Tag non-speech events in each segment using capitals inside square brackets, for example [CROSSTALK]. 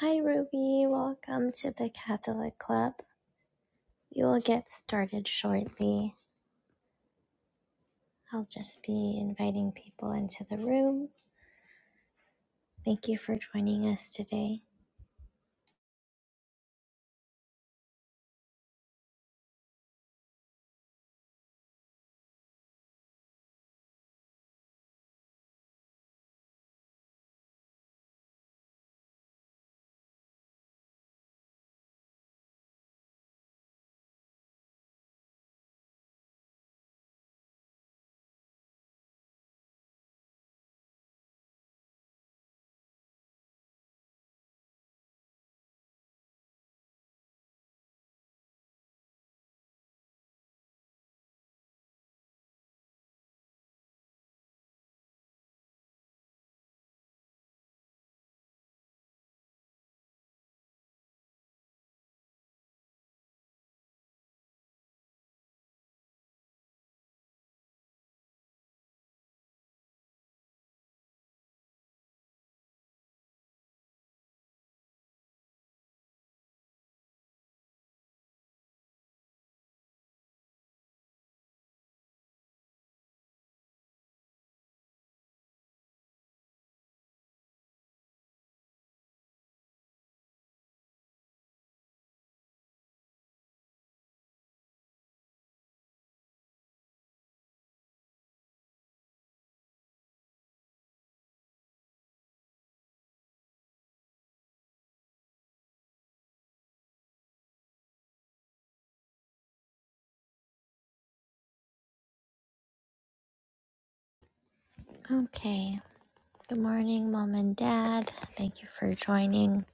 Hi Ruby, welcome to the Catholic Club. We will get started shortly. I'll just be inviting people into the room. Thank you for joining us today. Okay, good morning, mom and dad. Thank you for joining.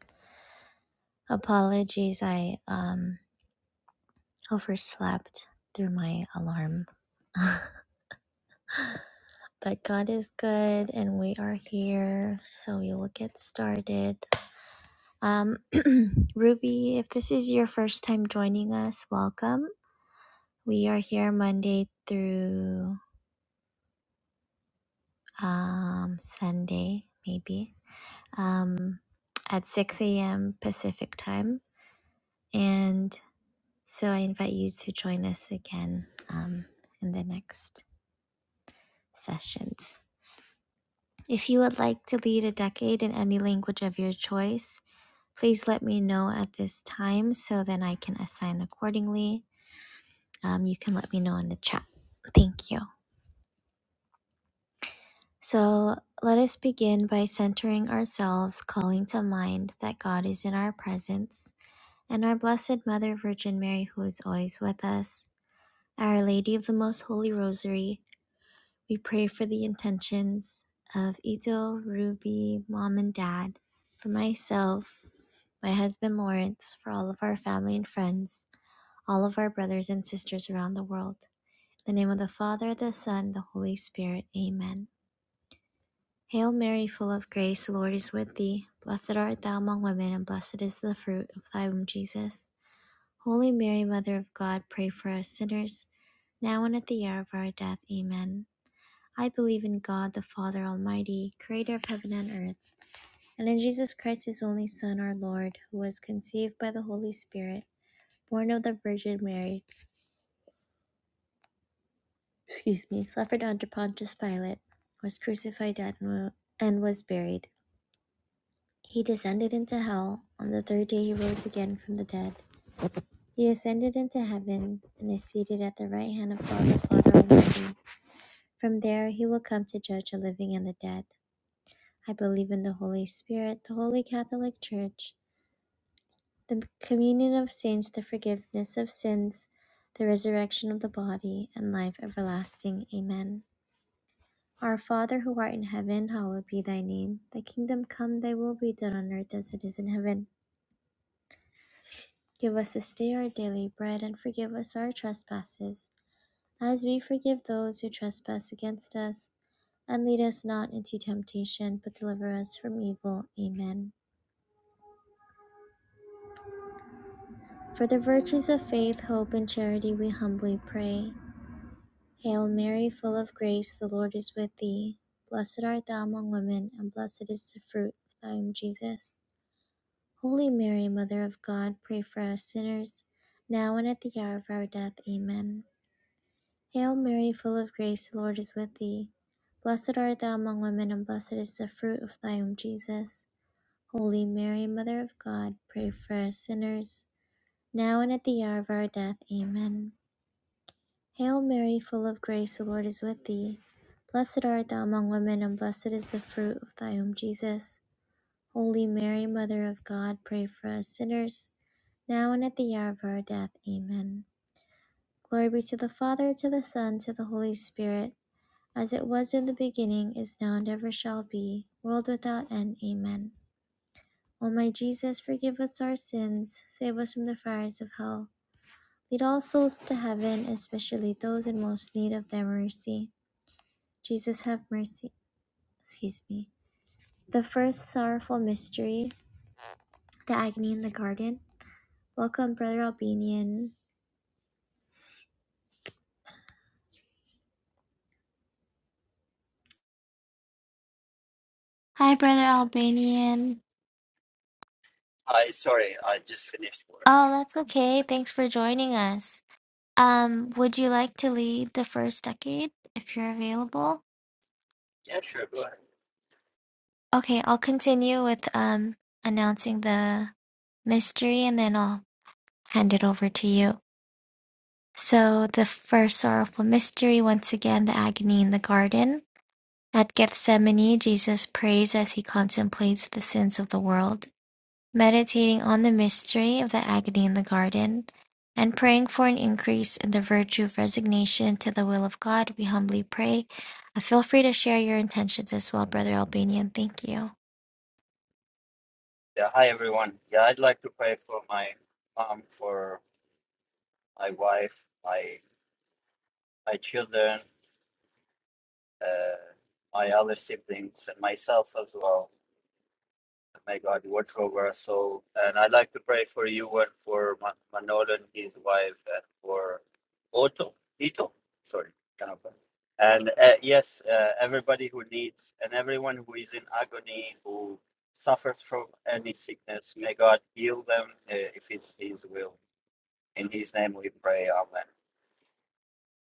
Apologies, I um, overslept through my alarm. [LAUGHS] but God is good and we are here, so we will get started. Um, [CLEARS THROAT] Ruby, if this is your first time joining us, welcome. We are here Monday through um, Sunday, maybe, um, at 6 a.m. Pacific time. And so I invite you to join us again um, in the next sessions. If you would like to lead a decade in any language of your choice, please let me know at this time so then I can assign accordingly. um, you can let me know in the chat. Thank you. So let us begin by centering ourselves, calling to mind that God is in our presence, and our Blessed Mother Virgin Mary, who is always with us, Our Lady of the Most Holy Rosary. We pray for the intentions of Ito, Ruby, Mom, and Dad, for myself, my husband Lawrence, for all of our family and friends, all of our brothers and sisters around the world. In the name of the Father, the Son, the Holy Spirit. Amen. Hail Mary, full of grace, the Lord is with thee. Blessed art thou among women, and blessed is the fruit of thy womb, Jesus. Holy Mary, Mother of God, pray for us sinners, now and at the hour of our death. Amen. I believe in God, the Father Almighty, creator of heaven and earth, and in Jesus Christ, his only Son, our Lord, who was conceived by the Holy Spirit, born of the Virgin Mary excuse me, suffered under Pontius Pilate, was crucified at- and was buried. He descended into hell. On the third day he rose again from the dead. He ascended into heaven and is seated at the right hand of God the Father Almighty. From there he will come to judge the living and the dead. I believe in the Holy Spirit, the Holy Catholic Church, the communion of saints, the forgiveness of sins, the resurrection of the body, and life everlasting. Amen. Our Father who art in heaven, hallowed be thy name. Thy kingdom come, thy will be done on earth as it is in heaven. Give us this day our daily bread, and forgive us our trespasses, as we forgive those who trespass against us. And lead us not into temptation, but deliver us from evil. Amen. For the virtues of faith, hope, and charity, we humbly pray. Hail Mary, full of grace, the Lord is with thee. Blessed art thou among women, and blessed is the fruit of thy womb, Jesus. Holy Mary, Mother of God, pray for us sinners, now and at the hour of our death. Amen. Hail Mary, full of grace, the Lord is with thee. Blessed art thou among women, and blessed is the fruit of thy womb, Jesus. Holy Mary, Mother of God, pray for us sinners, now and at the hour of our death. Amen. Hail Mary, full of grace, the Lord is with thee. Blessed art thou among women, and blessed is the fruit of thy womb, Jesus. Holy Mary, Mother of God, pray for us sinners now and at the hour of our death. Amen. Glory be to the Father, to the Son, to the Holy Spirit, as it was in the beginning, is now, and ever shall be, world without end. Amen. O my Jesus, forgive us our sins, save us from the fires of hell. Lead all souls to heaven, especially those in most need of thy mercy. Jesus, have mercy. Excuse me. The first sorrowful mystery, the agony in the garden. Welcome, Brother Albanian. Hi, Brother Albanian. Hi, sorry, I just finished work. Oh, that's okay. Thanks for joining us. Um, would you like to lead the first decade if you're available? Yeah, sure, go ahead. Okay, I'll continue with um announcing the mystery and then I'll hand it over to you. So the first sorrowful mystery, once again, the agony in the garden. At Gethsemane, Jesus prays as he contemplates the sins of the world. meditating on the mystery of the agony in the garden, and praying for an increase in the virtue of resignation to the will of God, we humbly pray. Uh, feel free to share your intentions as well, Brother Albanian. Thank you. Yeah, hi everyone. Yeah, I'd like to pray for my mom, for my wife, my my children, uh, my other siblings, and myself as well. May God watch over us all. And I'd like to pray for you and for Ma- Manolo and his wife and for Otto, Ito, sorry, cannot pronounce. And uh, yes, uh, everybody who needs and everyone who is in agony, who suffers from any sickness, may God heal them uh, if it's His will. In His name we pray. Amen.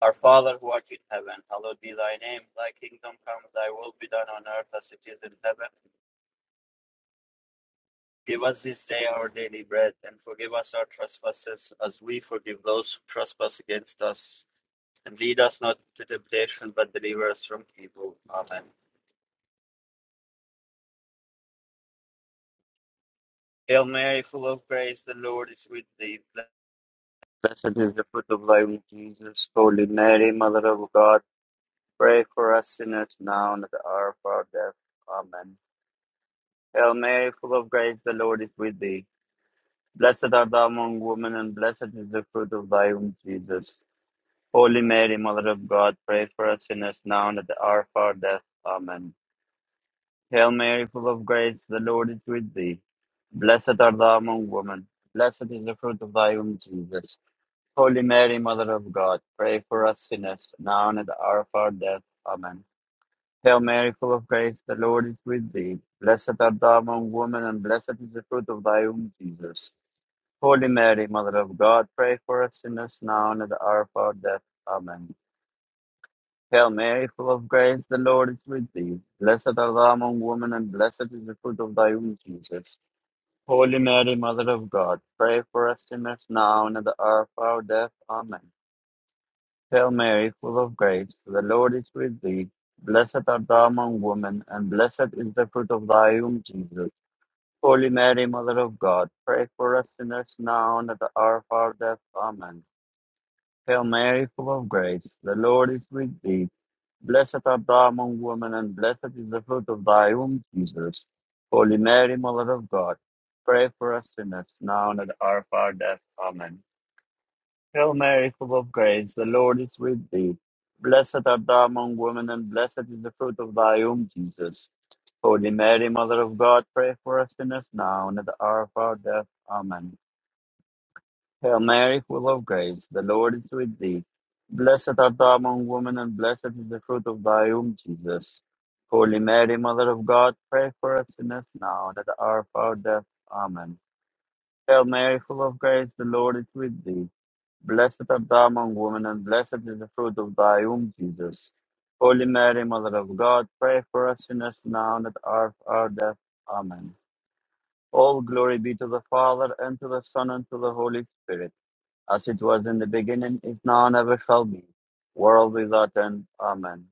Our Father who art in heaven, hallowed be thy name. Thy kingdom come, thy will be done on earth as it is in heaven. Give us this day our daily bread, and forgive us our trespasses, as we forgive those who trespass against us. And lead us not into temptation, but deliver us from evil. Amen. Hail Mary, full of grace, the Lord is with thee. Blessed is the fruit of thy womb, Jesus. Holy Mary, Mother of God, pray for us sinners now and at the hour of our death. Amen. Hail Mary, full of grace, the Lord is with thee. Blessed art thou among women, and blessed is the fruit of thy womb, Jesus. Holy Mary, Mother of God, pray for us sinners now and at the hour of our death. Amen. Hail Mary, full of grace, the Lord is with thee. Blessed art thou among women. Blessed is the fruit of thy womb, Jesus. Holy Mary, Mother of God, pray for us sinners now and at the hour of our death. Amen. Hail Mary, full of grace, the Lord is with thee. Blessed art thou among women, and blessed is the fruit of thy womb, Jesus. Holy Mary, Mother of God, pray for us sinners now and at the hour of our death. Amen. Hail Mary, full of grace, the Lord is with thee. Blessed art thou among women, and blessed is the fruit of thy womb, Jesus. Holy Mary, Mother of God, pray for us sinners now and at the hour of our death. Amen. Hail Mary, full of grace, the Lord is with thee. Blessed art thou among women, and blessed is the fruit of thy womb, Jesus. Holy Mary, Mother of God, pray for us sinners now and at the hour of our death. Amen. Hail Mary, full of grace, the Lord is with thee. Blessed art thou among women, and blessed is the fruit of thy womb, Jesus. Holy Mary, Mother of God, pray for us sinners, now and at the hour of our death. Amen. Hail Mary, full of grace, the Lord is with thee. Blessed art thou among women, and blessed is the fruit of thy womb, Jesus. Holy Mary, Mother of God, pray for us sinners, now and at the hour of our death. Amen. Hail Mary, full of grace, the Lord is with thee. Blessed art thou among women, and blessed is the fruit of thy womb, Jesus. Holy Mary, Mother of God, pray for us sinners now and at the hour of our death. Amen. Hail Mary, full of grace, the Lord is with thee. Blessed art thou among women, and blessed is the fruit of thy womb, Jesus. Holy Mary, Mother of God, pray for us sinners now and at the hour of our death. Amen. All glory be to the Father, and to the Son, and to the Holy Spirit as it was in the beginning, is now, and ever shall be, world without end. Amen.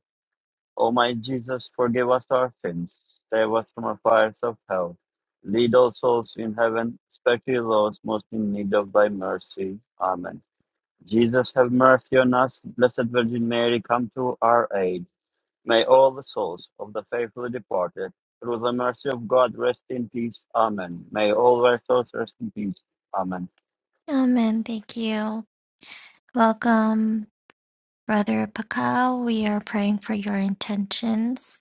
O my Jesus, forgive us our sins, save us from the fires of hell, lead all souls in heaven, especially those most in need of thy mercy. Amen. Jesus, have mercy on us. Blessed Virgin Mary, come to our aid. May all the souls of the faithfully departed, through the mercy of God, rest in peace. Amen. May all their souls rest in peace. Amen. Amen. Thank you. Welcome, Brother Pakao. We are praying for your intentions.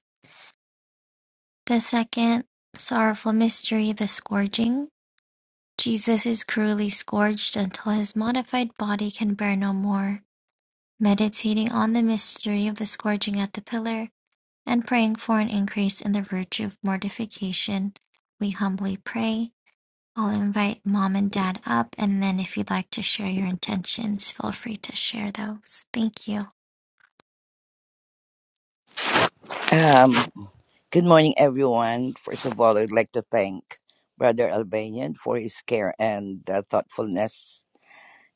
The second sorrowful mystery, the scourging. Jesus is cruelly scourged until his modified body can bear no more. meditating on the mystery of the scourging at the pillar, and praying for an increase in the virtue of mortification, we humbly pray. I'll invite mom and dad up, and then if you'd like to share your intentions, feel free to share those. Thank you. Um, good morning, everyone. First of all, I'd like to thank Brother Albanian for his care and uh, thoughtfulness.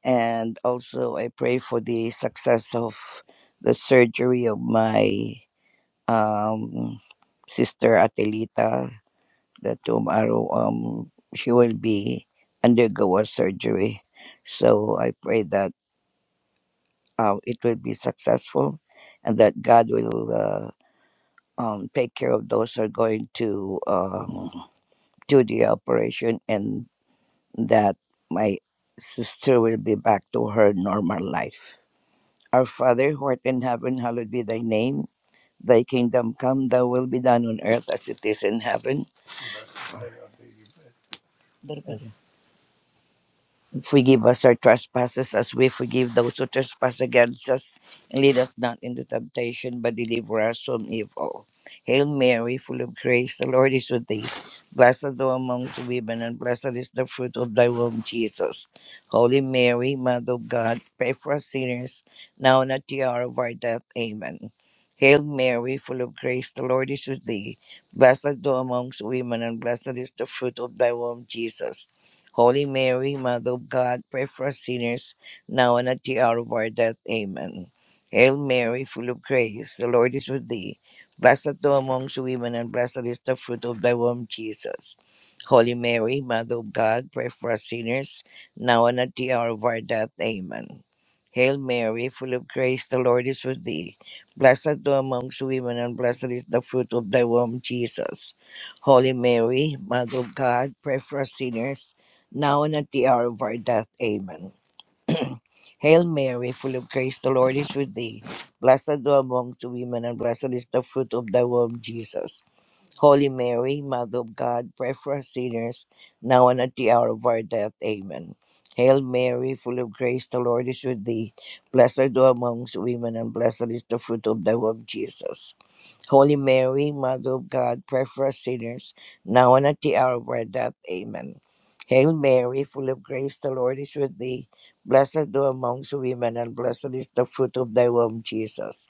And also, I pray for the success of the surgery of my um, sister Atelita, that tomorrow um, she will be undergo a surgery. So I pray that uh, it will be successful and that God will. uh, um, take care of those who are going to um, do the operation and that my sister will be back to her normal life. Our Father who art in heaven, hallowed be thy name. Thy kingdom come, thy will be done on earth as it is in heaven. Forgive us our trespasses as we forgive those who trespass against us. And lead us not into temptation, but deliver us from evil. Hail Mary, full of grace, the Lord is with thee. Blessed thou amongst women, and blessed is the fruit of thy womb, Jesus. Holy Mary, Mother of God, pray for us sinners, now and at the hour of our death. Amen. Hail Mary, full of grace, the Lord is with thee. Blessed thou amongst women, and blessed is the fruit of thy womb, Jesus. Holy Mary, Mother of God, pray for us sinners, now and at the hour of our death. Amen. Hail Mary, full of grace, the Lord is with thee. Blessed thou amongst women, and blessed is the fruit of thy womb, Jesus. Holy Mary, Mother of God, pray for us sinners, now and at the hour of our death. Amen. Hail Mary, full of grace, the Lord is with thee. Blessed thou amongst women, and blessed is the fruit of thy womb, Jesus. Holy Mary, Mother of God, pray for us sinners now and at the hour of our death. Amen. [CLEARS THROAT] Hail Mary, full of grace, the Lord is with thee. Blessed thou amongst women, and blessed is the fruit of thy womb, Jesus. Holy Mary, Mother of God, pray for us sinners, now and at the hour of our death. Amen. Hail Mary, full of grace, the Lord is with thee. Blessed art thou amongst women, and blessed is the fruit of thy womb, Jesus. Holy Mary, Mother of God, pray for us sinners, now and at the hour of our death. Amen. Hail Mary, full of grace, the Lord is with thee. Blessed art thou amongst women, and blessed is the fruit of thy womb, Jesus.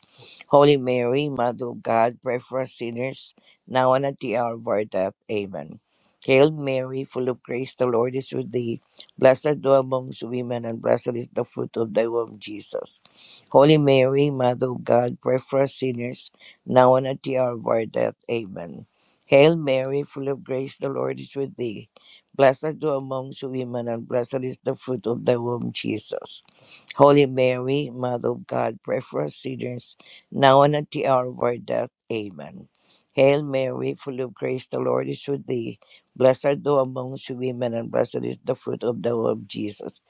Holy Mary, Mother of God, pray for us sinners now and at the hour of our death. Amen. Hail Mary, full of grace, the Lord is with thee. Blessed thou amongst women, and blessed is the fruit of thy womb, Jesus. Holy Mary, Mother of God, pray for us sinners, now and at the hour of our death. Amen. Hail Mary, full of grace, the Lord is with thee. Blessed thou amongst women, and blessed is the fruit of thy womb, Jesus. Holy Mary, Mother of God, pray for us sinners, now and at the hour of our death. Amen. Hail Mary, full of grace, the Lord is with thee. Blessed art thou amongst women, and blessed is the fruit of the womb, Jesus.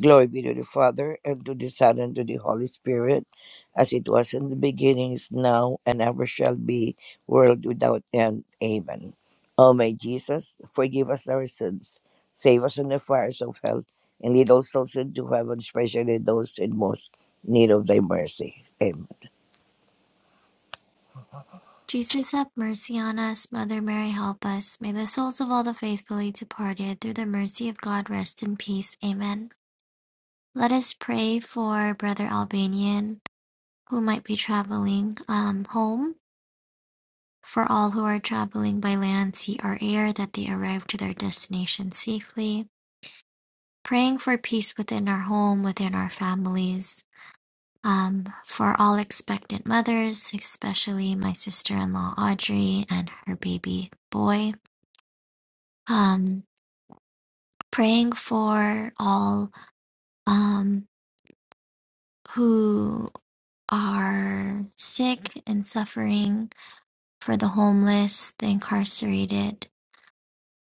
Glory be to the Father, and to the Son, and to the Holy Spirit, as it was in the beginning, is now, and ever shall be, world without end. Amen. O my Jesus, forgive us our sins, save us from the fires of hell and lead us those souls into heaven, especially those in most need of thy mercy. Amen. Jesus, have mercy on us. Mother Mary, help us. May the souls of all the faithfully departed, through the mercy of God, rest in peace. Amen. Let us pray for Brother Albanian, who might be traveling um, home For all who are traveling by land, sea, or air, that they arrive to their destination safely. Praying for peace within our home, within our families. Um, for all expectant mothers, especially my sister in law Audrey and her baby boy. Um, praying for all um, who are sick and suffering, for the homeless, the incarcerated,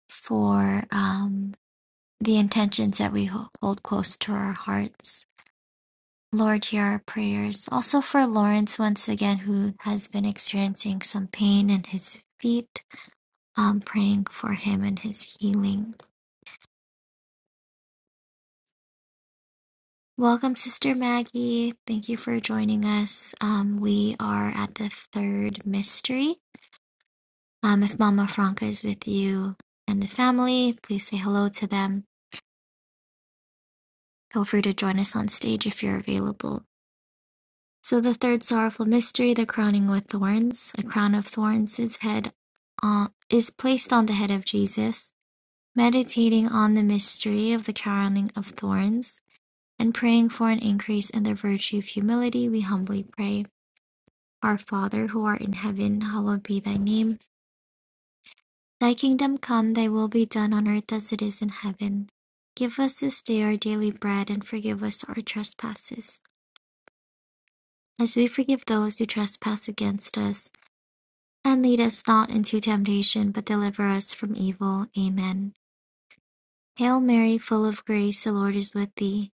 for um, the intentions that we hold close to our hearts. Lord, hear our prayers. Also for Lawrence, once again, who has been experiencing some pain in his feet, um, praying for him and his healing. Welcome, Sister Maggie. Thank you for joining us. Um, we are at the third mystery. Um, if Mama Franca is with you and the family, please say hello to them. Feel free to join us on stage if you're available. So the third sorrowful mystery, the crowning with thorns, a crown of thorns is head on, is placed on the head of Jesus. Meditating on the mystery of the crowning of thorns and praying for an increase in the virtue of humility, we humbly pray. Our Father who art in heaven, hallowed be thy name. Thy kingdom come, thy will be done on earth as it is in heaven. Give us this day our daily bread and forgive us our trespasses, as we forgive those who trespass against us And lead us not into temptation, but deliver us from evil. Amen. Hail Mary, full of grace, the Lord is with thee.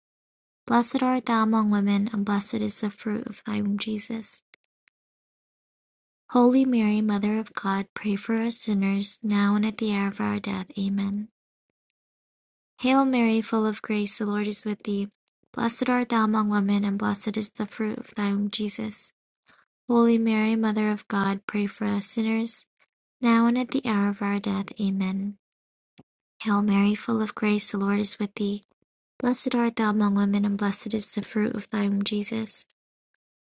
Blessed art thou among women, and blessed is the fruit of thy womb, Jesus. Holy Mary, Mother of God, pray for us sinners, now and at the hour of our death. Amen. Hail Mary, full of grace, the Lord is with thee. Blessed art thou among women, and blessed is the fruit of thy womb, Jesus. Holy Mary, Mother of God, pray for us sinners, now and at the hour of our death. Amen. Hail Mary, full of grace, the Lord is with thee. Blessed art thou among women, and blessed is the fruit of thy womb, Jesus.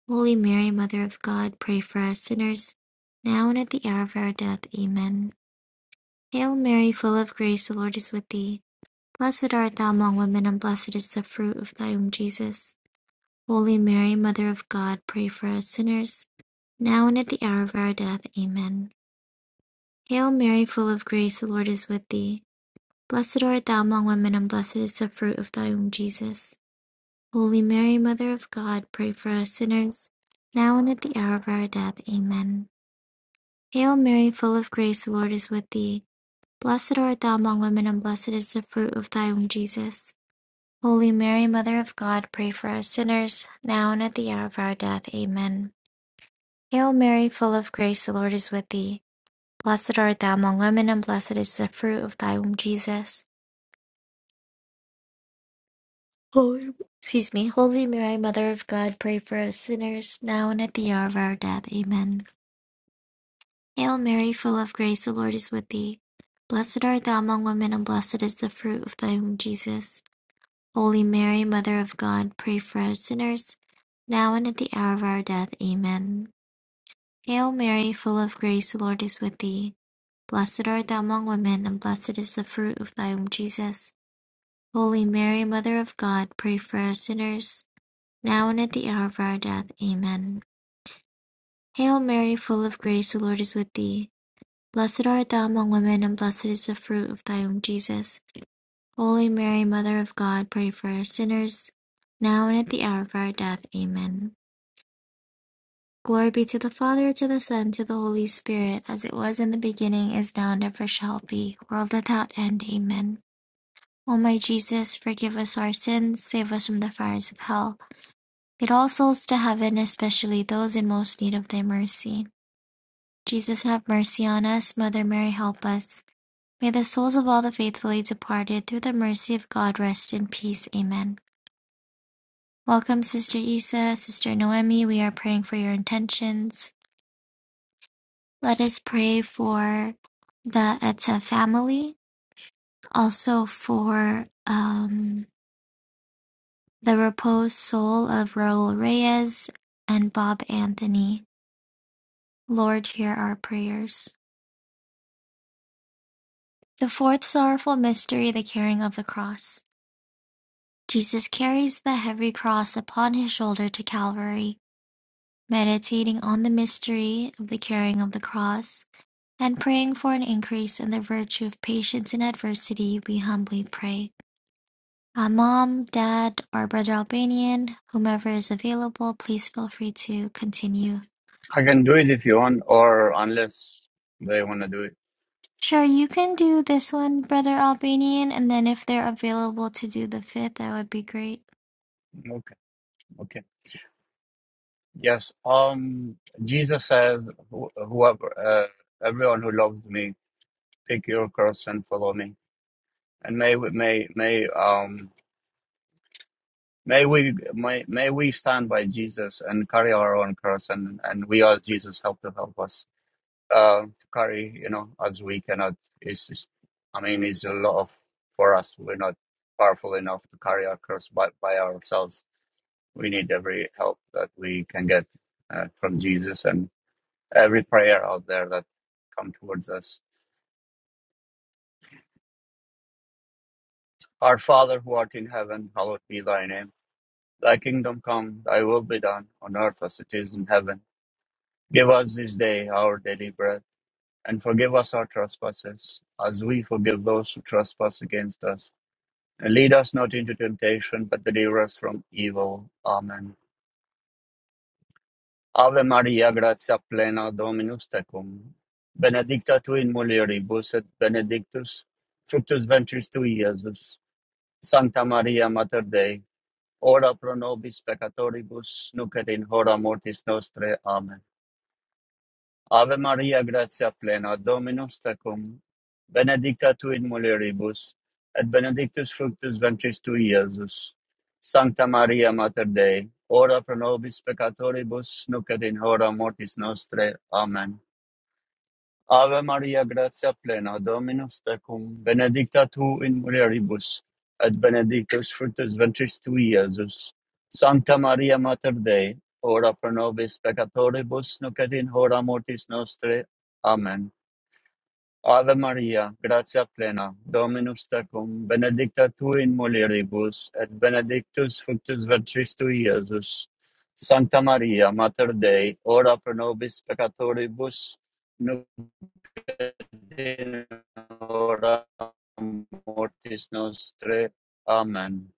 Holy Mary, Mother of God, pray for us sinners, now and at the hour of our death. Amen. Hail Mary, full of grace, the Lord is with thee. Blessed art thou among women, and blessed is the fruit of thy womb, Jesus. Holy Mary, Mother of God, pray for us sinners, now and at the hour of our death. Amen. Hail Mary, full of grace, the Lord is with thee. Blessed art thou among women, and blessed is the fruit of thy womb, Jesus. Holy Mary, Mother of God, pray for us sinners, now and at the hour of our death. Amen. Hail Mary, full of grace, the Lord is with thee. Blessed art thou among women, and blessed is the fruit of thy womb, Jesus. Holy Mary, Mother of God, pray for us sinners, now and at the hour of our death. Amen. Hail Mary, full of grace, the Lord is with thee. Blessed art thou among women, and blessed is the fruit of thy womb, Jesus. Holy, excuse me, Holy Mary, Mother of God, pray for us sinners, now and at the hour of our death. Amen. Hail Mary, full of grace, the Lord is with thee. Blessed art thou among women, and blessed is the fruit of thy womb, Jesus. Holy Mary, Mother of God, pray for us sinners, now and at the hour of our death. Amen. Hail Mary, full of grace, the Lord is with thee. Blessed art thou among women, and blessed is the fruit of thy womb, Jesus. Holy Mary, Mother of God, pray for us sinners now and at the hour of our death. Amen. Hail Mary, full of grace, the Lord is with thee. Blessed art thou among women, and blessed is the fruit of thy womb, Jesus. Holy Mary, Mother of God, pray for us sinners, now and at the hour of our death. Amen. Glory be to the Father, to the Son, to the Holy Spirit, as it was in the beginning, is now, and ever shall be, world without end. Amen. O my Jesus, forgive us our sins, save us from the fires of hell. Lead all souls to heaven, especially those in most need of thy mercy. Jesus have mercy on us. Mother Mary, help us. May the souls of all the faithfully departed, through the mercy of God, rest in peace. Amen. Welcome, Sister Isa, Sister Noemi. We are praying for your intentions. Let us pray for the Etta family, also for um, the repose soul of Raul Reyes and Bob Anthony. Lord, hear our prayers. The fourth sorrowful mystery, the carrying of the cross. Jesus carries the heavy cross upon his shoulder to Calvary, meditating on the mystery of the carrying of the cross, and praying for an increase in the virtue of patience in adversity, we humbly pray. Uh, Mom, Dad, or Brother Albanian, whomever is available, please feel free to continue. I can do it if you want, or unless they want to do it. Sure, you can do this one, Brother Albanian, and then if they're available to do the fifth, that would be great. Okay, okay. Yes. Um, Jesus says, "Wh- "Whoever, uh, everyone who loves me, pick your cross and follow me." And may we, may may um may we may may we stand by Jesus and carry our own cross, and and we ask Jesus help to help us uh to carry, you know, as we cannot. It's, it's I mean, it's a lot of for us. We're not powerful enough to carry our cross by by ourselves We need every help that we can get uh, from Jesus and every prayer out there that come towards us. Our Father who art in heaven, hallowed be thy name. Thy kingdom come, thy will be done on earth as it is in heaven. Give us this day our daily bread and forgive us our trespasses as we forgive those who trespass against us. And lead us not into temptation, but deliver us from evil. Amen. Ave Maria, gratia plena, Dominus tecum. Benedicta tu in mulieribus et benedictus fructus ventris tui, Iesus. Sancta Maria, Mater Dei, ora pro nobis peccatoribus, nunc et in hora mortis nostre. Amen. Ave Maria, gratia plena, Dominus tecum, benedicta tu in mulieribus, et benedictus fructus ventris tui, Iesus. Sancta Maria, Mater Dei, ora pro nobis peccatoribus, nunc et in hora mortis nostre. Amen. Ave Maria, gratia plena, Dominus tecum, benedicta tu in mulieribus, et benedictus fructus ventris tui, Iesus. Sancta Maria Mater Dei, ora pro nobis peccatoribus, nunc et in hora mortis nostre. Amen. Ave Maria, gratia plena, Dominus tecum, benedicta tu in mulieribus, et benedictus fructus ventris tui, Iesus. Sancta Maria Mater Dei, ora pro nobis peccatoribus, din ora mortis nostre. Amen.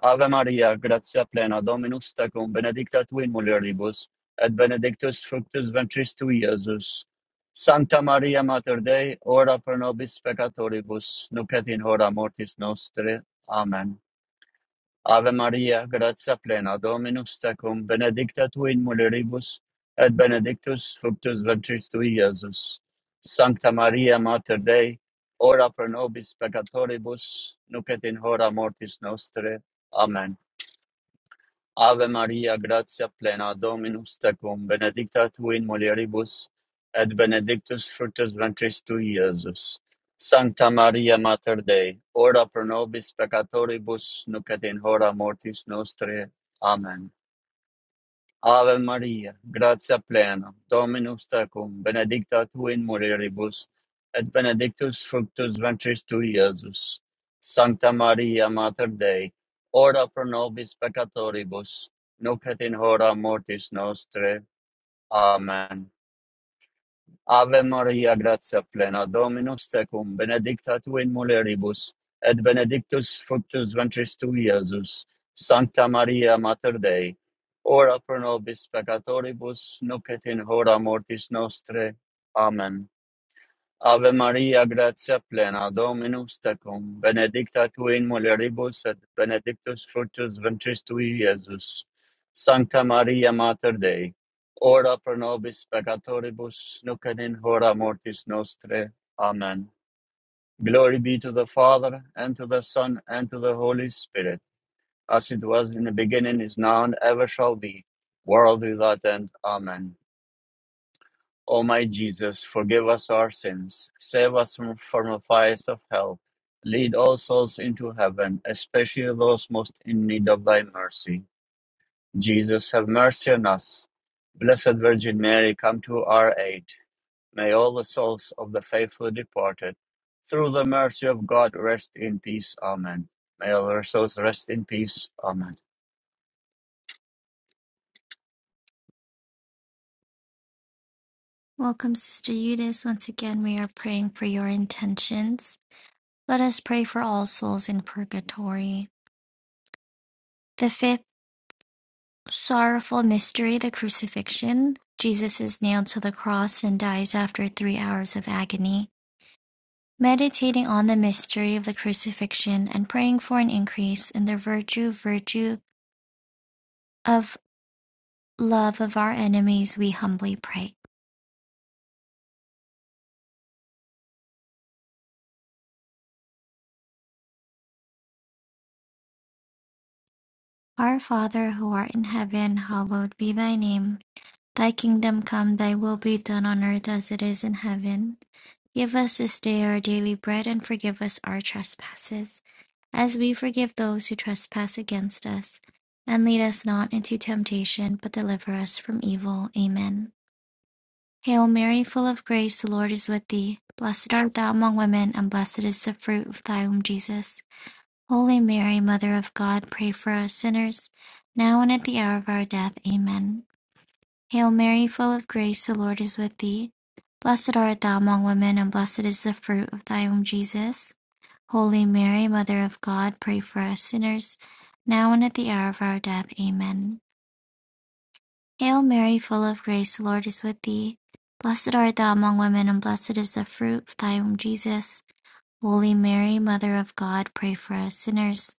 Ave Maria, gratia plena, Dominus tecum, benedicta tu in mulieribus, et benedictus fructus ventris tui, Iesus. Sancta Maria Mater Dei, ora pro nobis peccatoribus, nunc et in hora mortis nostre. Amen. Ave Maria, gratia plena, Dominus tecum, benedicta tu in mulieribus, et benedictus fructus ventris tui, Iesus. Sancta Maria, Mater Dei, ora pro nobis peccatoribus, nunc et in hora mortis nostre. Amen. Ave Maria, gratia plena, Dominus tecum, benedicta tu in mulieribus, et benedictus fructus ventris tui, Iesus. Sancta Maria Mater Dei, ora pro nobis peccatoribus, nunc et in hora mortis nostrae. Amen. Ave Maria, gratia plena, Dominus tecum, benedicta tu in mulieribus, et benedictus fructus ventris tui, Iesus. Sancta Maria, Mater Dei, ora pro nobis peccatoribus, nunc et in hora mortis nostre. Amen. Ave Maria, gratia plena, Dominus tecum, benedicta tu in mulieribus, et benedictus fructus ventris tui, Iesus. Sancta Maria, Mater Dei, ora pro nobis peccatoribus, nunc et in hora mortis nostre. Amen. Ave Maria, gratia plena, Dominus tecum, benedicta tu in mulieribus et benedictus fructus ventris tui, Iesus. Sancta Maria Mater Dei, ora pro nobis peccatoribus, nunc et in hora mortis nostre. Amen. Glory be to the Father, and to the Son, and to the Holy Spirit, as it was in the beginning, is now, and ever shall be, world without end. Amen. O my Jesus, forgive us our sins, save us from, from the fires of hell, lead all souls into heaven, especially those most in need of thy mercy. Jesus, have mercy on us. Blessed Virgin Mary, come to our aid. May all the souls of the faithful departed, through the mercy of God, rest in peace. Amen. May all our souls rest in peace. Amen. Welcome, Sister Eudice. Once again, we are praying for your intentions. Let us pray for all souls in purgatory. The fifth sorrowful mystery, the crucifixion. Jesus is nailed to the cross and dies after three hours of agony. Meditating on the mystery of the crucifixion and praying for an increase in the virtue, virtue of love of our enemies, we humbly pray. Our Father who art in heaven, hallowed be thy name. Thy kingdom come, thy will be done on earth as it is in heaven. Give us this day our daily bread and forgive us our trespasses, as we forgive those who trespass against us. And lead us not into temptation, but deliver us from evil. Amen. Hail Mary, full of grace, the Lord is with thee. Blessed art thou among women, and blessed is the fruit of thy womb, Jesus. Holy Mary, Mother of God, pray for us sinners, now and at the hour of our death. Amen. Hail Mary, full of grace, the Lord is with thee. Blessed art thou among women, and blessed is the fruit of thy womb, Jesus. Holy Mary, Mother of God, pray for us sinners, now and at the hour of our death. Amen. Hail Mary, full of grace, the Lord is with thee. Blessed art thou among women, and blessed is the fruit of thy womb, Jesus. Holy Mary, Mother of God, pray for us sinners,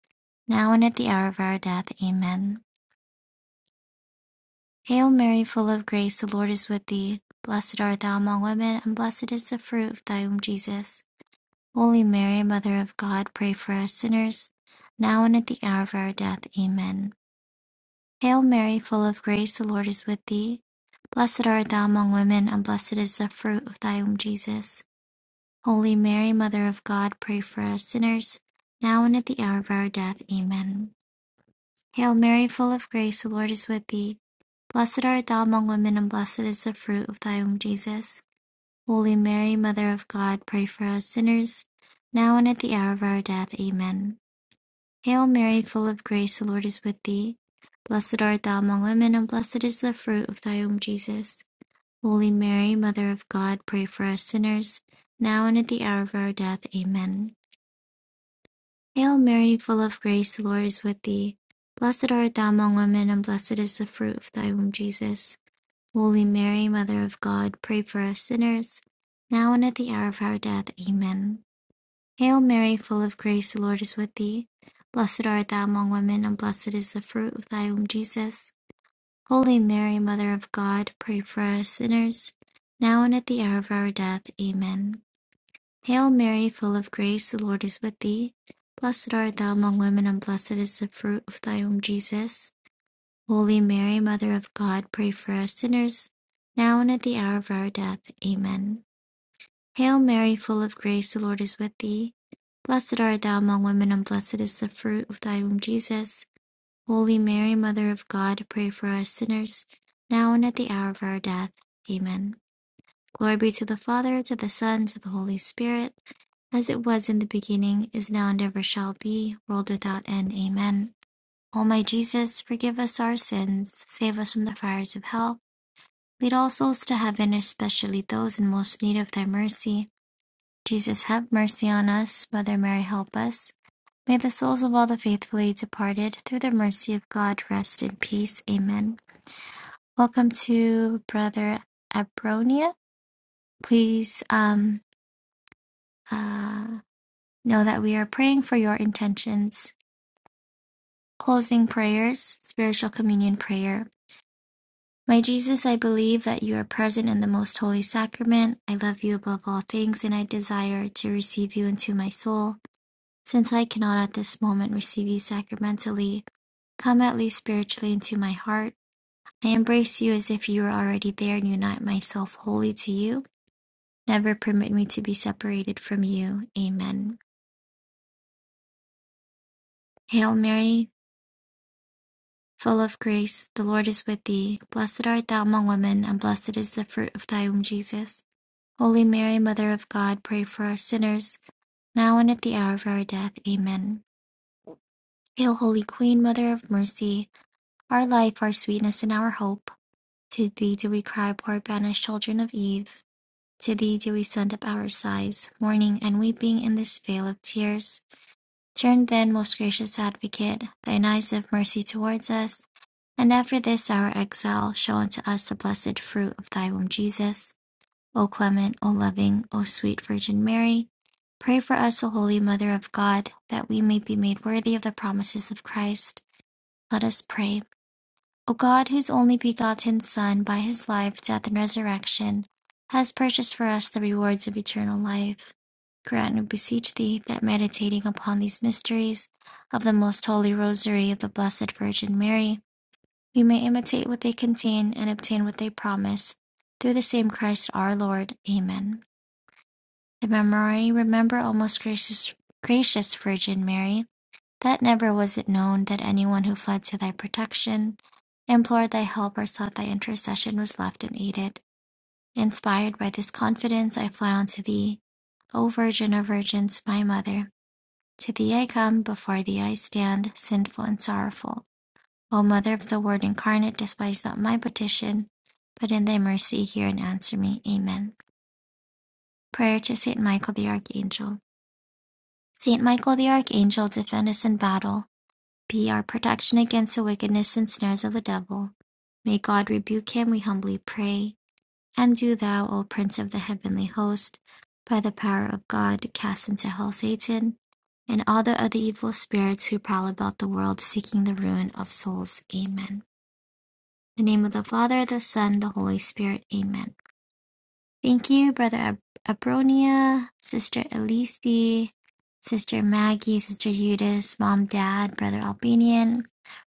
now and at the hour of our death. Amen. Hail Mary, full of grace, the Lord is with thee. Blessed art thou among women, and blessed is the fruit of thy womb, Jesus. Holy Mary, Mother of God, pray for us sinners, now and at the hour of our death. Amen. Hail Mary, full of grace, the Lord is with thee. Blessed art thou among women, and blessed is the fruit of thy womb, Jesus. Holy Mary, Mother of God, pray for us sinners, now and at the hour of our death. Amen. Hail Mary, full of grace, the Lord is with thee. Blessed art thou among women, and blessed is the fruit of thy womb, Jesus. Holy Mary, Mother of God, pray for us sinners, now and at the hour of our death. Amen. Hail Mary, full of grace, the Lord is with thee. Blessed art thou among women, and blessed is the fruit of thy womb, Jesus. Holy Mary, Mother of God, pray for us sinners, now and at the hour of our death. Amen. Hail Mary, full of grace, the Lord is with thee. Blessed art thou among women, and blessed is the fruit of thy womb, Jesus. Holy Mary, Mother of God, pray for us sinners, now and at the hour of our death. Amen. Hail Mary, full of grace, the Lord is with thee. Blessed art thou among women, and blessed is the fruit of thy womb, Jesus. Holy Mary, Mother of God, pray for us sinners, now and at the hour of our death. Amen. Hail Mary, full of grace, the Lord is with thee. Blessed art thou among women, and blessed is the fruit of thy womb, Jesus. Holy Mary, Mother of God, pray for us sinners, now and at the hour of our death. Amen. Hail Mary, full of grace, the Lord is with thee. Blessed art thou among women, and blessed is the fruit of thy womb, Jesus. Holy Mary, Mother of God, pray for us sinners, now and at the hour of our death. Amen. Glory be to the Father, to the Son, to the Holy Spirit, as it was in the beginning, is now, and ever shall be, world without end. Amen. O my Jesus, forgive us our sins, save us from the fires of hell, lead all souls to heaven, especially those in most need of thy mercy. Jesus, have mercy on us. Mother Mary, help us. May the souls of all the faithfully departed, through the mercy of God, rest in peace. Amen. Welcome to Brother Abronia. Please, um, uh, Know that we are praying for your intentions. Closing prayers, spiritual communion prayer. My Jesus, I believe that you are present in the most holy sacrament. I love you above all things, and I desire to receive you into my soul. Since I cannot at this moment receive you sacramentally, come at least spiritually into my heart. I embrace you as if you were already there and unite myself wholly to you. Never permit me to be separated from you. Amen. Hail Mary, full of grace, the Lord is with thee. Blessed art thou among women, and blessed is the fruit of thy womb, Jesus. Holy Mary, Mother of God, pray for us sinners, now and at the hour of our death. Amen. Hail, Holy Queen, Mother of Mercy, our life, our sweetness, and our hope. To thee do we cry, poor banished children of Eve. To thee do we send up our sighs, mourning and weeping in this vale of tears. Turn then, most gracious Advocate, thine eyes of mercy towards us, and after this our exile, show unto us the blessed fruit of thy womb, Jesus. O clement, O loving, O sweet Virgin Mary, pray for us, O Holy Mother of God, that we may be made worthy of the promises of Christ. Let us pray. O God, whose only begotten Son, by his life, death, and resurrection, has purchased for us the rewards of eternal life, grant, we beseech thee, that meditating upon these mysteries of the most holy rosary of the Blessed Virgin Mary, we may imitate what they contain and obtain what they promise. Through the same Christ our Lord. Amen. The memory, remember, O most gracious, gracious Virgin Mary that never was it known that anyone who fled to thy protection, implored thy help, or sought thy intercession was left unaided. Inspired by this confidence, I fly unto thee, O Virgin of Virgins, my Mother. To thee I come, before thee I stand, sinful and sorrowful. O Mother of the Word incarnate, despise not my petition, but in thy mercy hear and answer me. Amen. Prayer to Saint Michael the Archangel. Saint Michael the Archangel, defend us in battle be our protection against the wickedness and snares of the devil. May God rebuke him, we humbly pray. And do thou, O Prince of the heavenly host, by the power of God, cast into hell Satan and all the other evil spirits who prowl about the world seeking the ruin of souls. Amen. In the name of the Father, the Son, the Holy Spirit. Amen. Thank you, Brother Ab- Abronia, Sister Elise, Sister Maggie, Sister Eudes, Mom, Dad, Brother Albanian,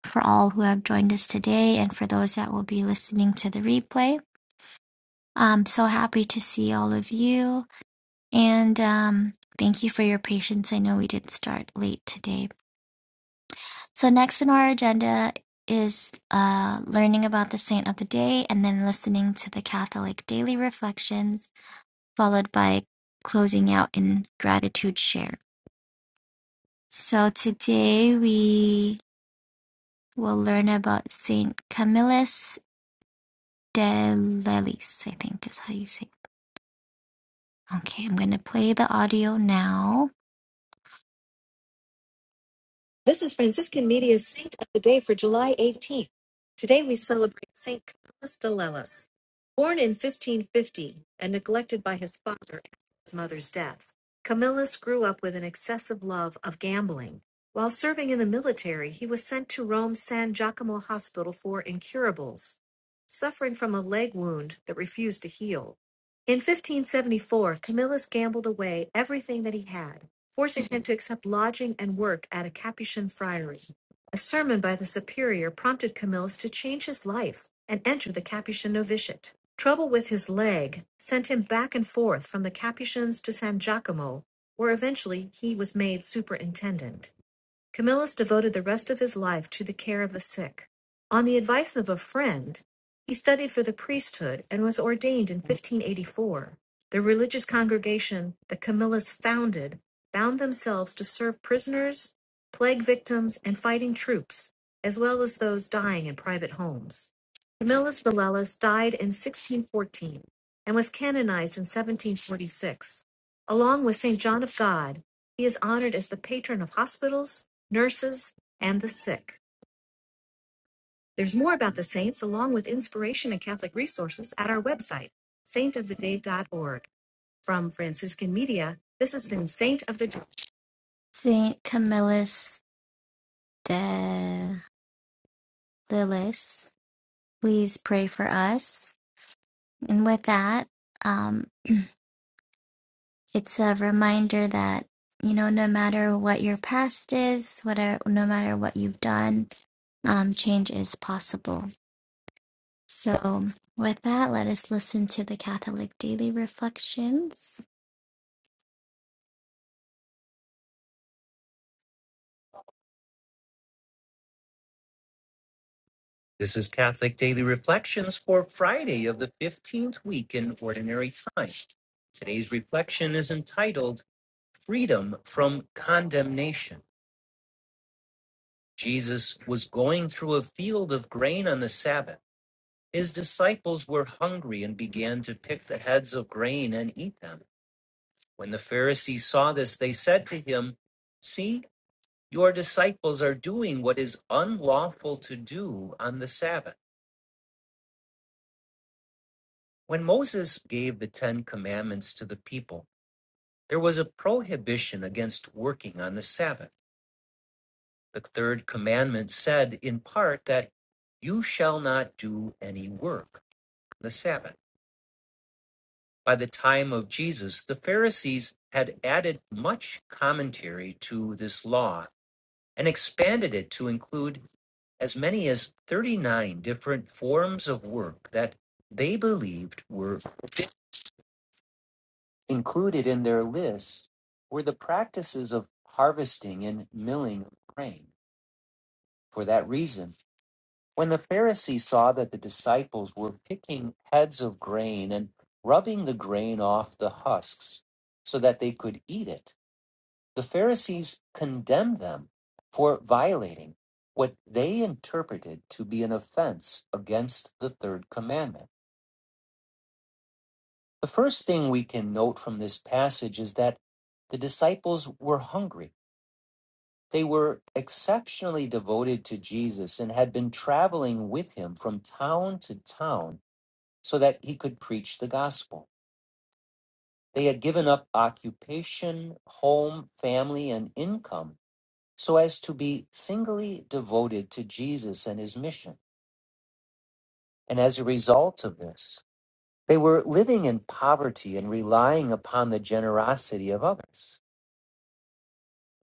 for all who have joined us today and for those that will be listening to the replay. I'm so happy to see all of you. And um, thank you for your patience. I know we did start late today. So, next on our agenda is uh, learning about the saint of the day and then listening to the Catholic daily reflections, followed by closing out in gratitude share. So, today we will learn about Saint Camillus Delelis, I think is how you say it. Okay, I'm going to play the audio now. This is Franciscan Media's Saint of the Day for July 18th. Today we celebrate Saint Camillus Delelis. Born in 1550 and neglected by his father after his mother's death, Camillus grew up with an excessive love of gambling. While serving in the military, he was sent to Rome's San Giacomo Hospital for incurables, suffering from a leg wound that refused to heal. In 1574, Camillus gambled away everything that he had, forcing him to accept lodging and work at a Capuchin friary. A sermon by the superior prompted Camillus to change his life and enter the Capuchin novitiate. Trouble with his leg sent him back and forth from the Capuchins to San Giacomo, where eventually he was made superintendent. Camillus devoted the rest of his life to the care of the sick. On the advice of a friend, he studied for the priesthood and was ordained in 1584. The religious congregation that Camillus founded bound themselves to serve prisoners, plague victims, and fighting troops, as well as those dying in private homes. Camillus Villellus died in 1614 and was canonized in 1746. Along with Saint John of God, he is honored as the patron of hospitals, nurses, and the sick. There's more about the saints along with inspiration and Catholic resources at our website, saintoftheday.org. From Franciscan Media, this has been Saint of the Day. Saint Camillus de Lillis, please pray for us. And with that, um, it's a reminder that you know no matter what your past is whatever no matter what you've done um, change is possible so with that let us listen to the catholic daily reflections This is Catholic Daily Reflections for Friday of the 15th week in Ordinary Time. Today's reflection is entitled Freedom from Condemnation. Jesus was going through a field of grain on the Sabbath. His disciples were hungry and began to pick the heads of grain and eat them. When the Pharisees saw this, they said to him, See, your disciples are doing what is unlawful to do on the Sabbath. When Moses gave the Ten Commandments to the people, there was a prohibition against working on the Sabbath. The third commandment said, in part, that you shall not do any work on the Sabbath. By the time of Jesus, the Pharisees had added much commentary to this law and expanded it to include as many as 39 different forms of work that they believed were included in their list were the practices of harvesting and milling of grain. For that reason, when the Pharisees saw that the disciples were picking heads of grain and rubbing the grain off the husks so that they could eat it, The Pharisees condemned them for violating what they interpreted to be an offense against the third commandment. The first thing we can note from this passage is that the disciples were hungry. They were exceptionally devoted to Jesus and had been traveling with him from town to town so that he could preach the gospel. They had given up occupation, home, family, and income so as to be singly devoted to Jesus and his mission. And as a result of this, they were living in poverty and relying upon the generosity of others.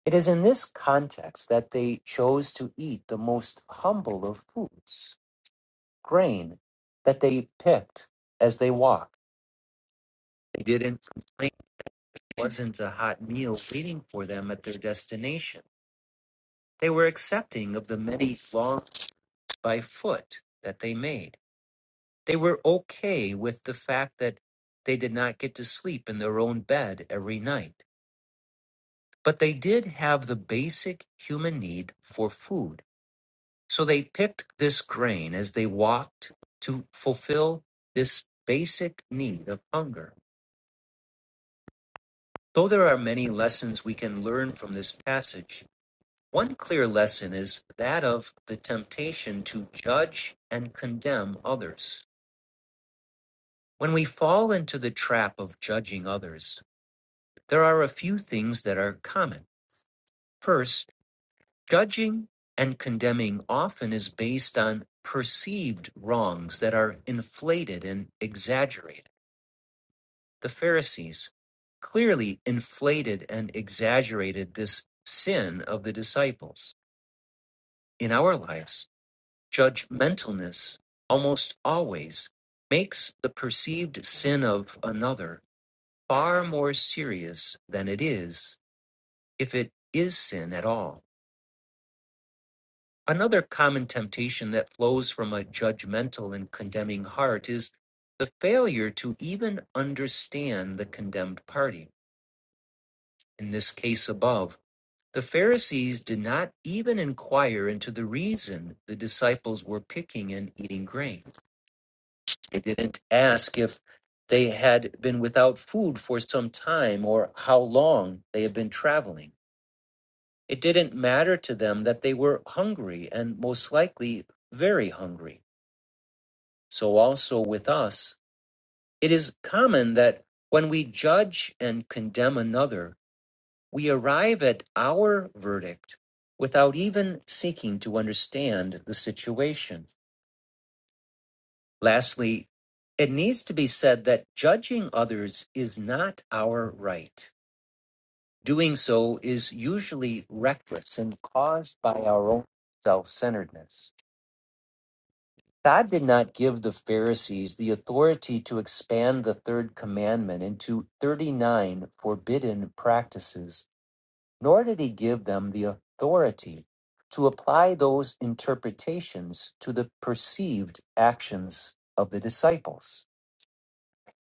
It is in this context that they chose to eat the most humble of foods, grain that they picked as they walked. They didn't complain it wasn't a hot meal waiting for them at their destination. They were accepting of the many long by foot that they made. They were okay with the fact that they did not get to sleep in their own bed every night. But they did have the basic human need for food. So they picked this grain as they walked to fulfill this basic need of hunger. Though there are many lessons we can learn from this passage, one clear lesson is that of the temptation to judge and condemn others. When we fall into the trap of judging others, There are a few things that are common. First, judging and condemning often is based on perceived wrongs that are inflated and exaggerated. The Pharisees clearly inflated and exaggerated this sin of the disciples. In our lives, judgmentalness almost always makes the perceived sin of another far more serious than it is if it is sin at all. Another common temptation that flows from a judgmental and condemning heart is the failure to even understand the condemned party, in this case above. The Pharisees did not even inquire into the reason the disciples were picking and eating grain. They didn't ask if they had been without food for some time or how long they had been traveling. It didn't matter to them that they were hungry and most likely very hungry. So also with us, it is common that when we judge and condemn another, we arrive at our verdict without even seeking to understand the situation. Lastly, it needs to be said that judging others is not our right. Doing so is usually reckless and caused by our own self centeredness. God did not give the Pharisees the authority to expand the third commandment into 39 forbidden practices, nor did he give them the authority to apply those interpretations to the perceived actions of the disciples.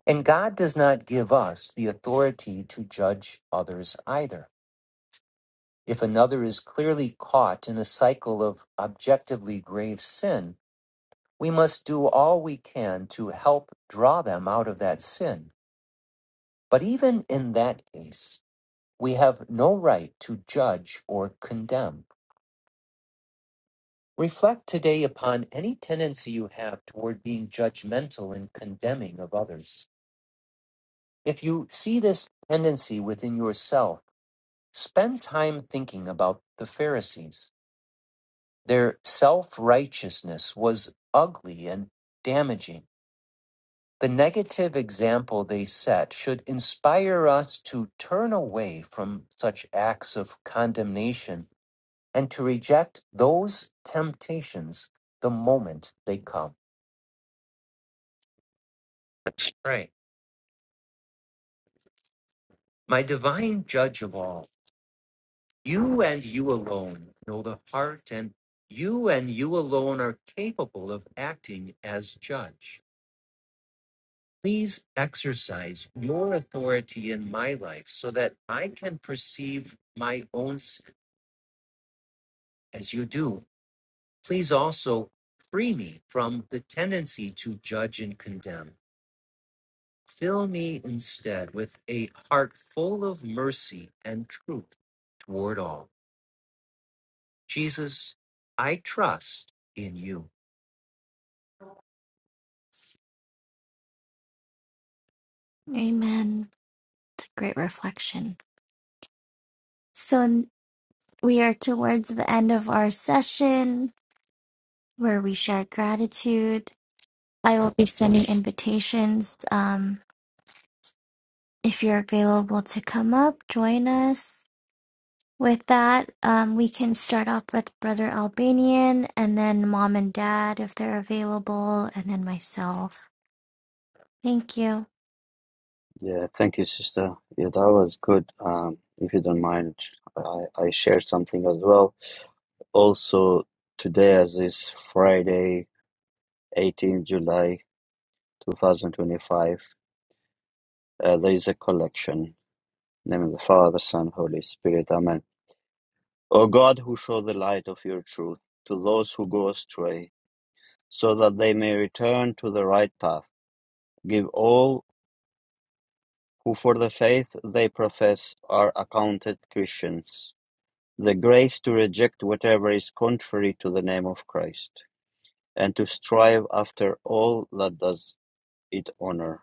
And God does not give us the authority to judge others either. If another is clearly caught in a cycle of objectively grave sin, We must do all we can to help draw them out of that sin. But even in that case, we have no right to judge or condemn. Reflect today upon any tendency you have toward being judgmental and condemning of others. If you see this tendency within yourself, spend time thinking about the Pharisees. Their self righteousness was ugly and damaging. The negative example they set should inspire us to turn away from such acts of condemnation and to reject those temptations the moment they come. Let's pray. My divine judge of all, you and you alone know the heart, and you and you alone are capable of acting as judge. Please exercise your authority in my life so that I can perceive my own sin as you do, please also free me from the tendency to judge and condemn. Fill me instead with a heart full of mercy and truth toward all. Jesus, I trust in you. Amen. It's a great reflection. So we are towards the end of our session where we share gratitude. I will be sending invitations. Um, if you're available to come up, join us. With that, um, we can start off with Brother Albanian and then mom and dad if they're available, and then myself. Thank you. Yeah, thank you, sister. Yeah, that was good. Um, if you don't mind, I, I share something as well. Also, today as is Friday, 18 July 2025, uh, there is a collection. In the name of the Father, Son, Holy Spirit. Amen. O God, who show the light of your truth to those who go astray, so that they may return to the right path, give all who for the faith they profess are accounted Christians the grace to reject whatever is contrary to the name of Christ, and to strive after all that does it honor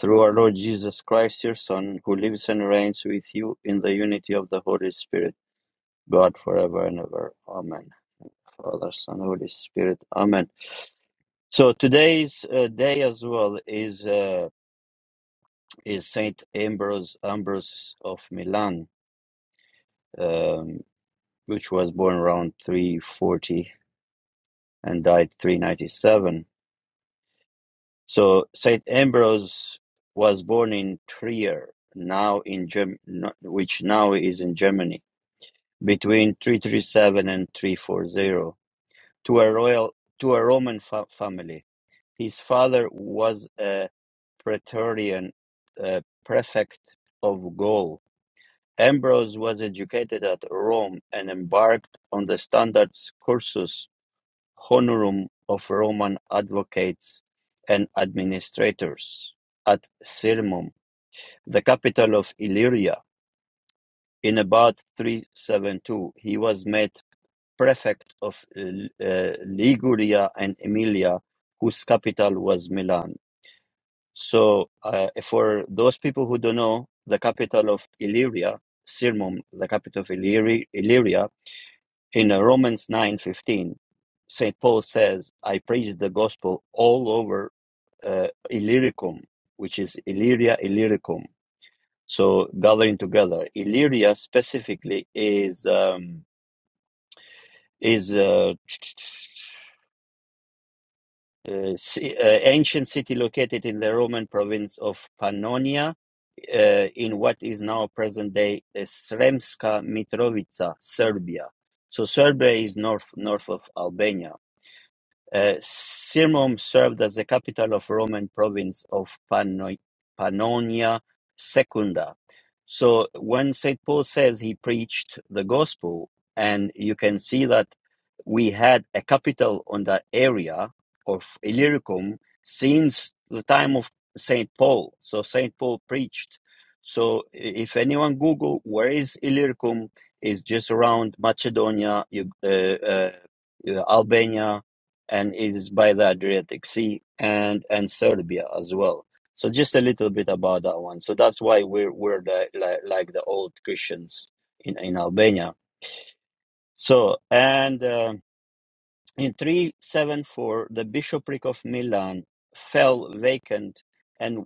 Through our Lord Jesus Christ, your Son, who lives and reigns with you in the unity of the Holy Spirit, God forever and ever. Amen. Father, Son, Holy Spirit. Amen. So today's uh, day as well is uh, is Saint Ambrose Ambrose of Milan, um, which was born around 340 and died 397. So Saint Ambrose was born in Trier, now in Germ- no- which now is in Germany between 337 and 340 to a royal to a Roman fa- family. His father was a praetorian uh, prefect of Gaul. Ambrose was educated at Rome and embarked on the standard cursus honorum of Roman advocates and administrators at Sirmium, the capital of Illyria. In about 372, he was made prefect of uh, Liguria and Emilia, whose capital was Milan. So, uh, for those people who don't know, the capital of Illyria, Sirmium. the capital of Illyri- Illyria, in uh, Romans nine fifteen, Saint Paul says, "I preached the gospel all over uh, Illyricum, which is Illyria Illyricum." So, gathering together, Illyria specifically is um, is uh, uh, ci- uh, ancient city located in the Roman province of Pannonia, uh, in what is now present day Sremska Mitrovica, Serbia. So Serbia is north north of Albania. Uh, Sirmium served as the capital of Roman province of Panno- Pannonia Secunda. So when St. Paul says he preached the gospel, and you can see that we had a capital on that area of Illyricum since the time of St. Paul. So St. Paul preached. So i- if anyone Google where is Illyricum, it's just around Macedonia, you- uh, uh, Albania, and it is by the Adriatic Sea and and Serbia as well. So just a little bit about that one. So that's why we're we're the, like like the old Christians in in Albania. So and uh, in three seven four, the bishopric of Milan fell vacant, and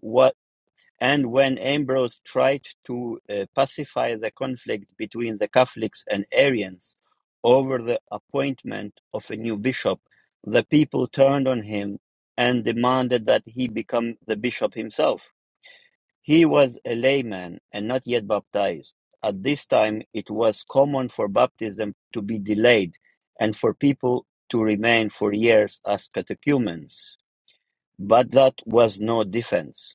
and when Ambrose tried to uh, pacify the conflict between the Catholics and Arians over the appointment of a new bishop, the people turned on him and demanded that he become the bishop himself. He was a layman and not yet baptized. At this time, it was common for baptism to be delayed and for people to remain for years as catechumens. But that was no defense.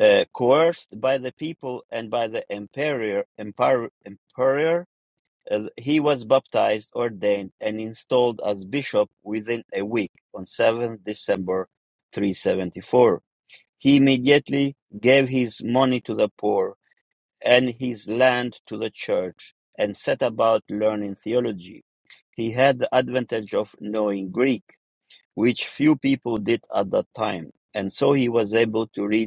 uh, coerced by the people and by the emperor, emperor, emperor uh, he was baptized, ordained, and installed as bishop within a week on 7th December 374. He immediately gave his money to the poor and his land to the church and set about learning theology. He had the advantage of knowing Greek, which few people did at that time, and so he was able to read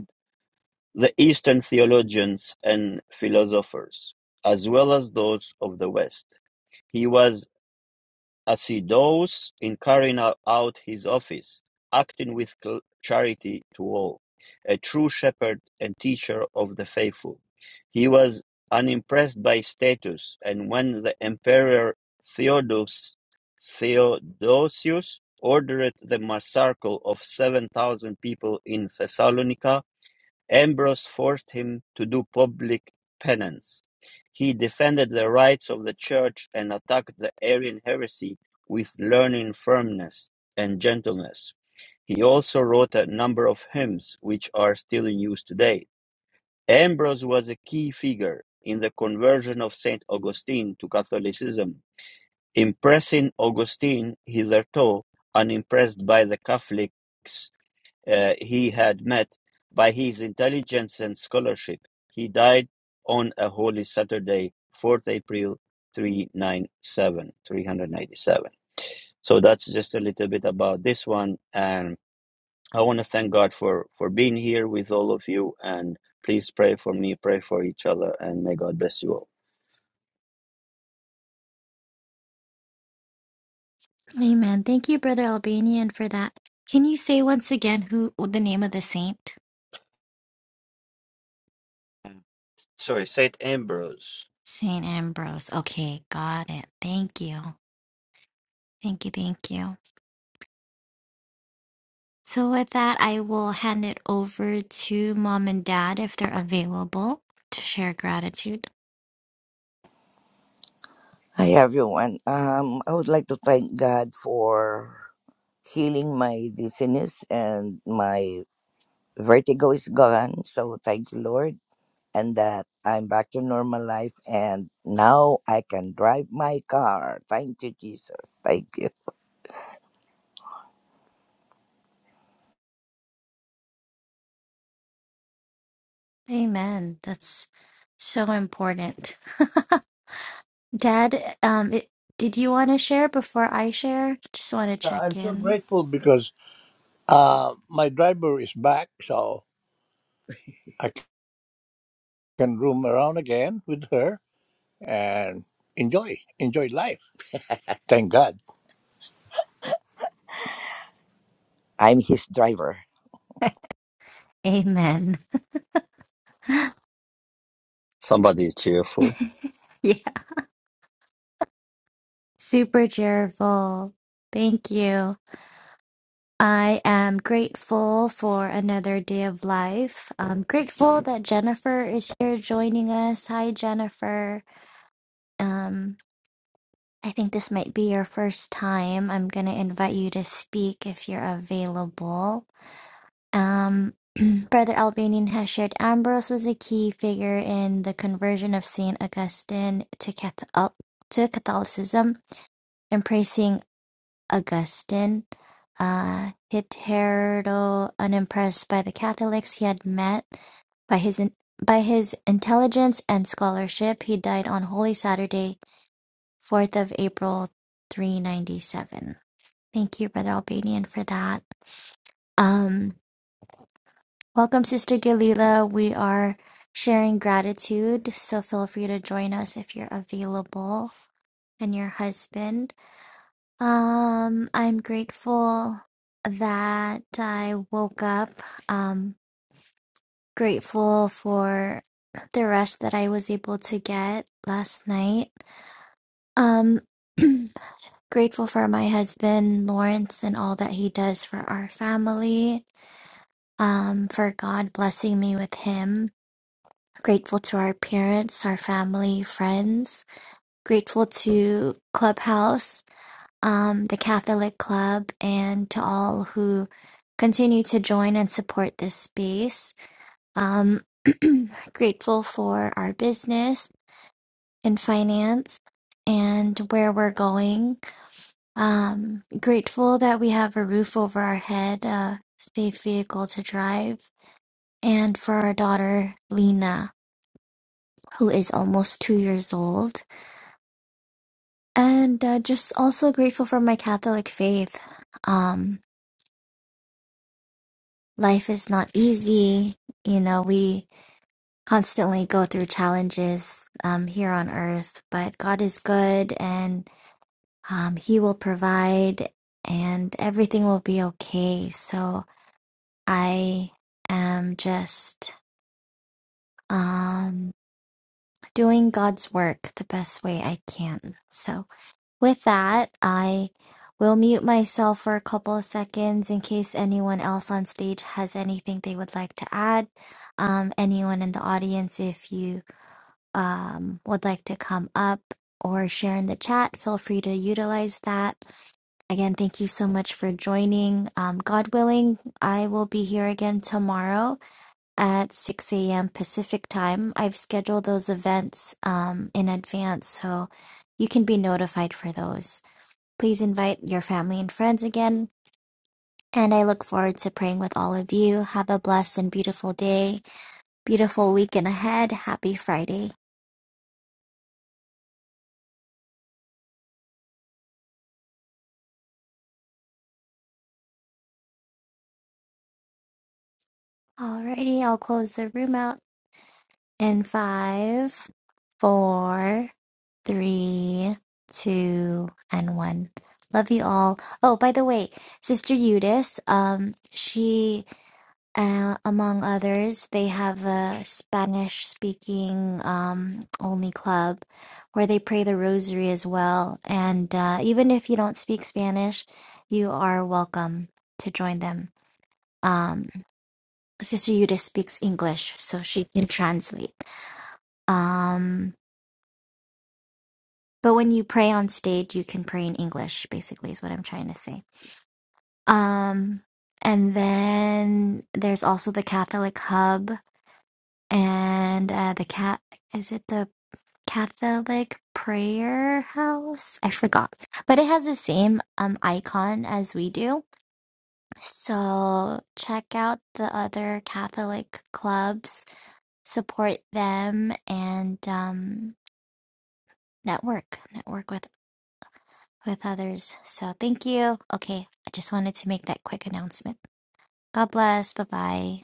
the Eastern theologians and philosophers, as well as those of the West. He was assiduous in carrying out his office, acting with charity to all, a true shepherd and teacher of the faithful. He was unimpressed by status, and when the Emperor Theodosius, Theodosius ordered the massacre of 7,000 people in Thessalonica, Ambrose forced him to do public penance. He defended the rights of the Church and attacked the Arian heresy with learned firmness and gentleness. He also wrote a number of hymns which are still in use today. Ambrose was a key figure in the conversion of St. Augustine to Catholicism, impressing Augustine, hitherto unimpressed by the Catholics, uh, he had met by his intelligence and scholarship. He died on a Holy Saturday, 4th April 397, 397. So that's just a little bit about this one. And I want to thank God for, for being here with all of you. And please pray for me, pray for each other, and may God bless you all. Amen. Thank you, Brother Albanian, for that. Can you say once again who the name of the saint? Sorry, Saint Ambrose. Saint Ambrose. Okay, got it. Thank you. Thank you. Thank you. So, with that, I will hand it over to mom and dad if they're available to share gratitude. Hi, everyone. Um, I would like to thank God for healing my dizziness and my vertigo is gone. So thank you, Lord, and that I'm back to normal life and now I can drive my car. Thank you, Jesus. Thank you. Amen. That's so important. [LAUGHS] Dad, um, it, did you want to share before I share? Just want to Uh, check I'm so in. grateful because uh, my driver is back, so I c- can roam around again with her. and enjoy enjoy life. Thank God. I'm his driver. [LAUGHS] Amen. Somebody is [LAUGHS] cheerful. Yeah. Super cheerful. Thank you. I am grateful for another day of life. I'm grateful that Jennifer is here joining us. Hi, Jennifer. Um, I think this might be your first time. I'm going to invite you to speak if you're available. Um, [CLEARS THROAT] Brother Albanian has shared Ambrose was a key figure in the conversion of Saint Augustine to Catholic, to Catholicism. In praising Augustine, uh, Hitherto unimpressed by the Catholics he had met, by his in, by his intelligence and scholarship, he died on Holy Saturday, fourth of April, three ninety seven. Thank you, Brother Albanian, for that. Um. Welcome, Sister Galila. We are sharing gratitude, so feel free to join us if you're available and your husband. Um, I'm grateful that I woke up. Um, grateful for the rest that I was able to get last night. Um, [CLEARS THROAT] grateful for my husband Lawrence and all that he does for our family. Um, for God blessing me with him Grateful to our parents, our family, friends. Grateful to Clubhouse, um, the Catholic Club, and to all who continue to join and support this space. Um, [CLEARS THROAT] grateful for our business and finance and where we're going. Um, grateful that we have a roof over our head, a safe vehicle to drive, and for our daughter, Lena, who is almost two years old. And uh, just also grateful for my Catholic faith. Um, life is not easy. You know, we constantly go through challenges um, here on earth, but God is good and um, He will provide and everything will be okay. So I am just um, doing God's work the best way I can. So. With that, I will mute myself for a couple of seconds in case anyone else on stage has anything they would like to add. Um, anyone in the audience, if you um, would like to come up or share in the chat, feel free to utilize that. Again, thank you so much for joining. Um, God willing, I will be here again tomorrow at 6 a.m. Pacific time. I've scheduled those events um, in advance, so you can be notified for those. Please invite your family and friends again. And I look forward to praying with all of you. Have a blessed and beautiful day, beautiful weekend ahead. Happy Friday. Alrighty, I'll close the room out in five, four, three, two, and one. Love you all. Oh, by the way, Sister Eudice, um, she Uh, among others, they have a Spanish speaking um, only club where they pray the rosary as well. And uh, even if you don't speak Spanish, you are welcome to join them. Um, Sister Yuda speaks English, so she can translate. Um, but when you pray on stage, you can pray in English, basically, is what I'm trying to say. Um, and then there's also the Catholic Hub and uh, the cat is it the Catholic prayer house? I forgot, but it has the same um icon as we do. So check out the other Catholic clubs, support them, and um network network with with others. So thank you. Okay, I just wanted to make that quick announcement. God bless. Bye bye.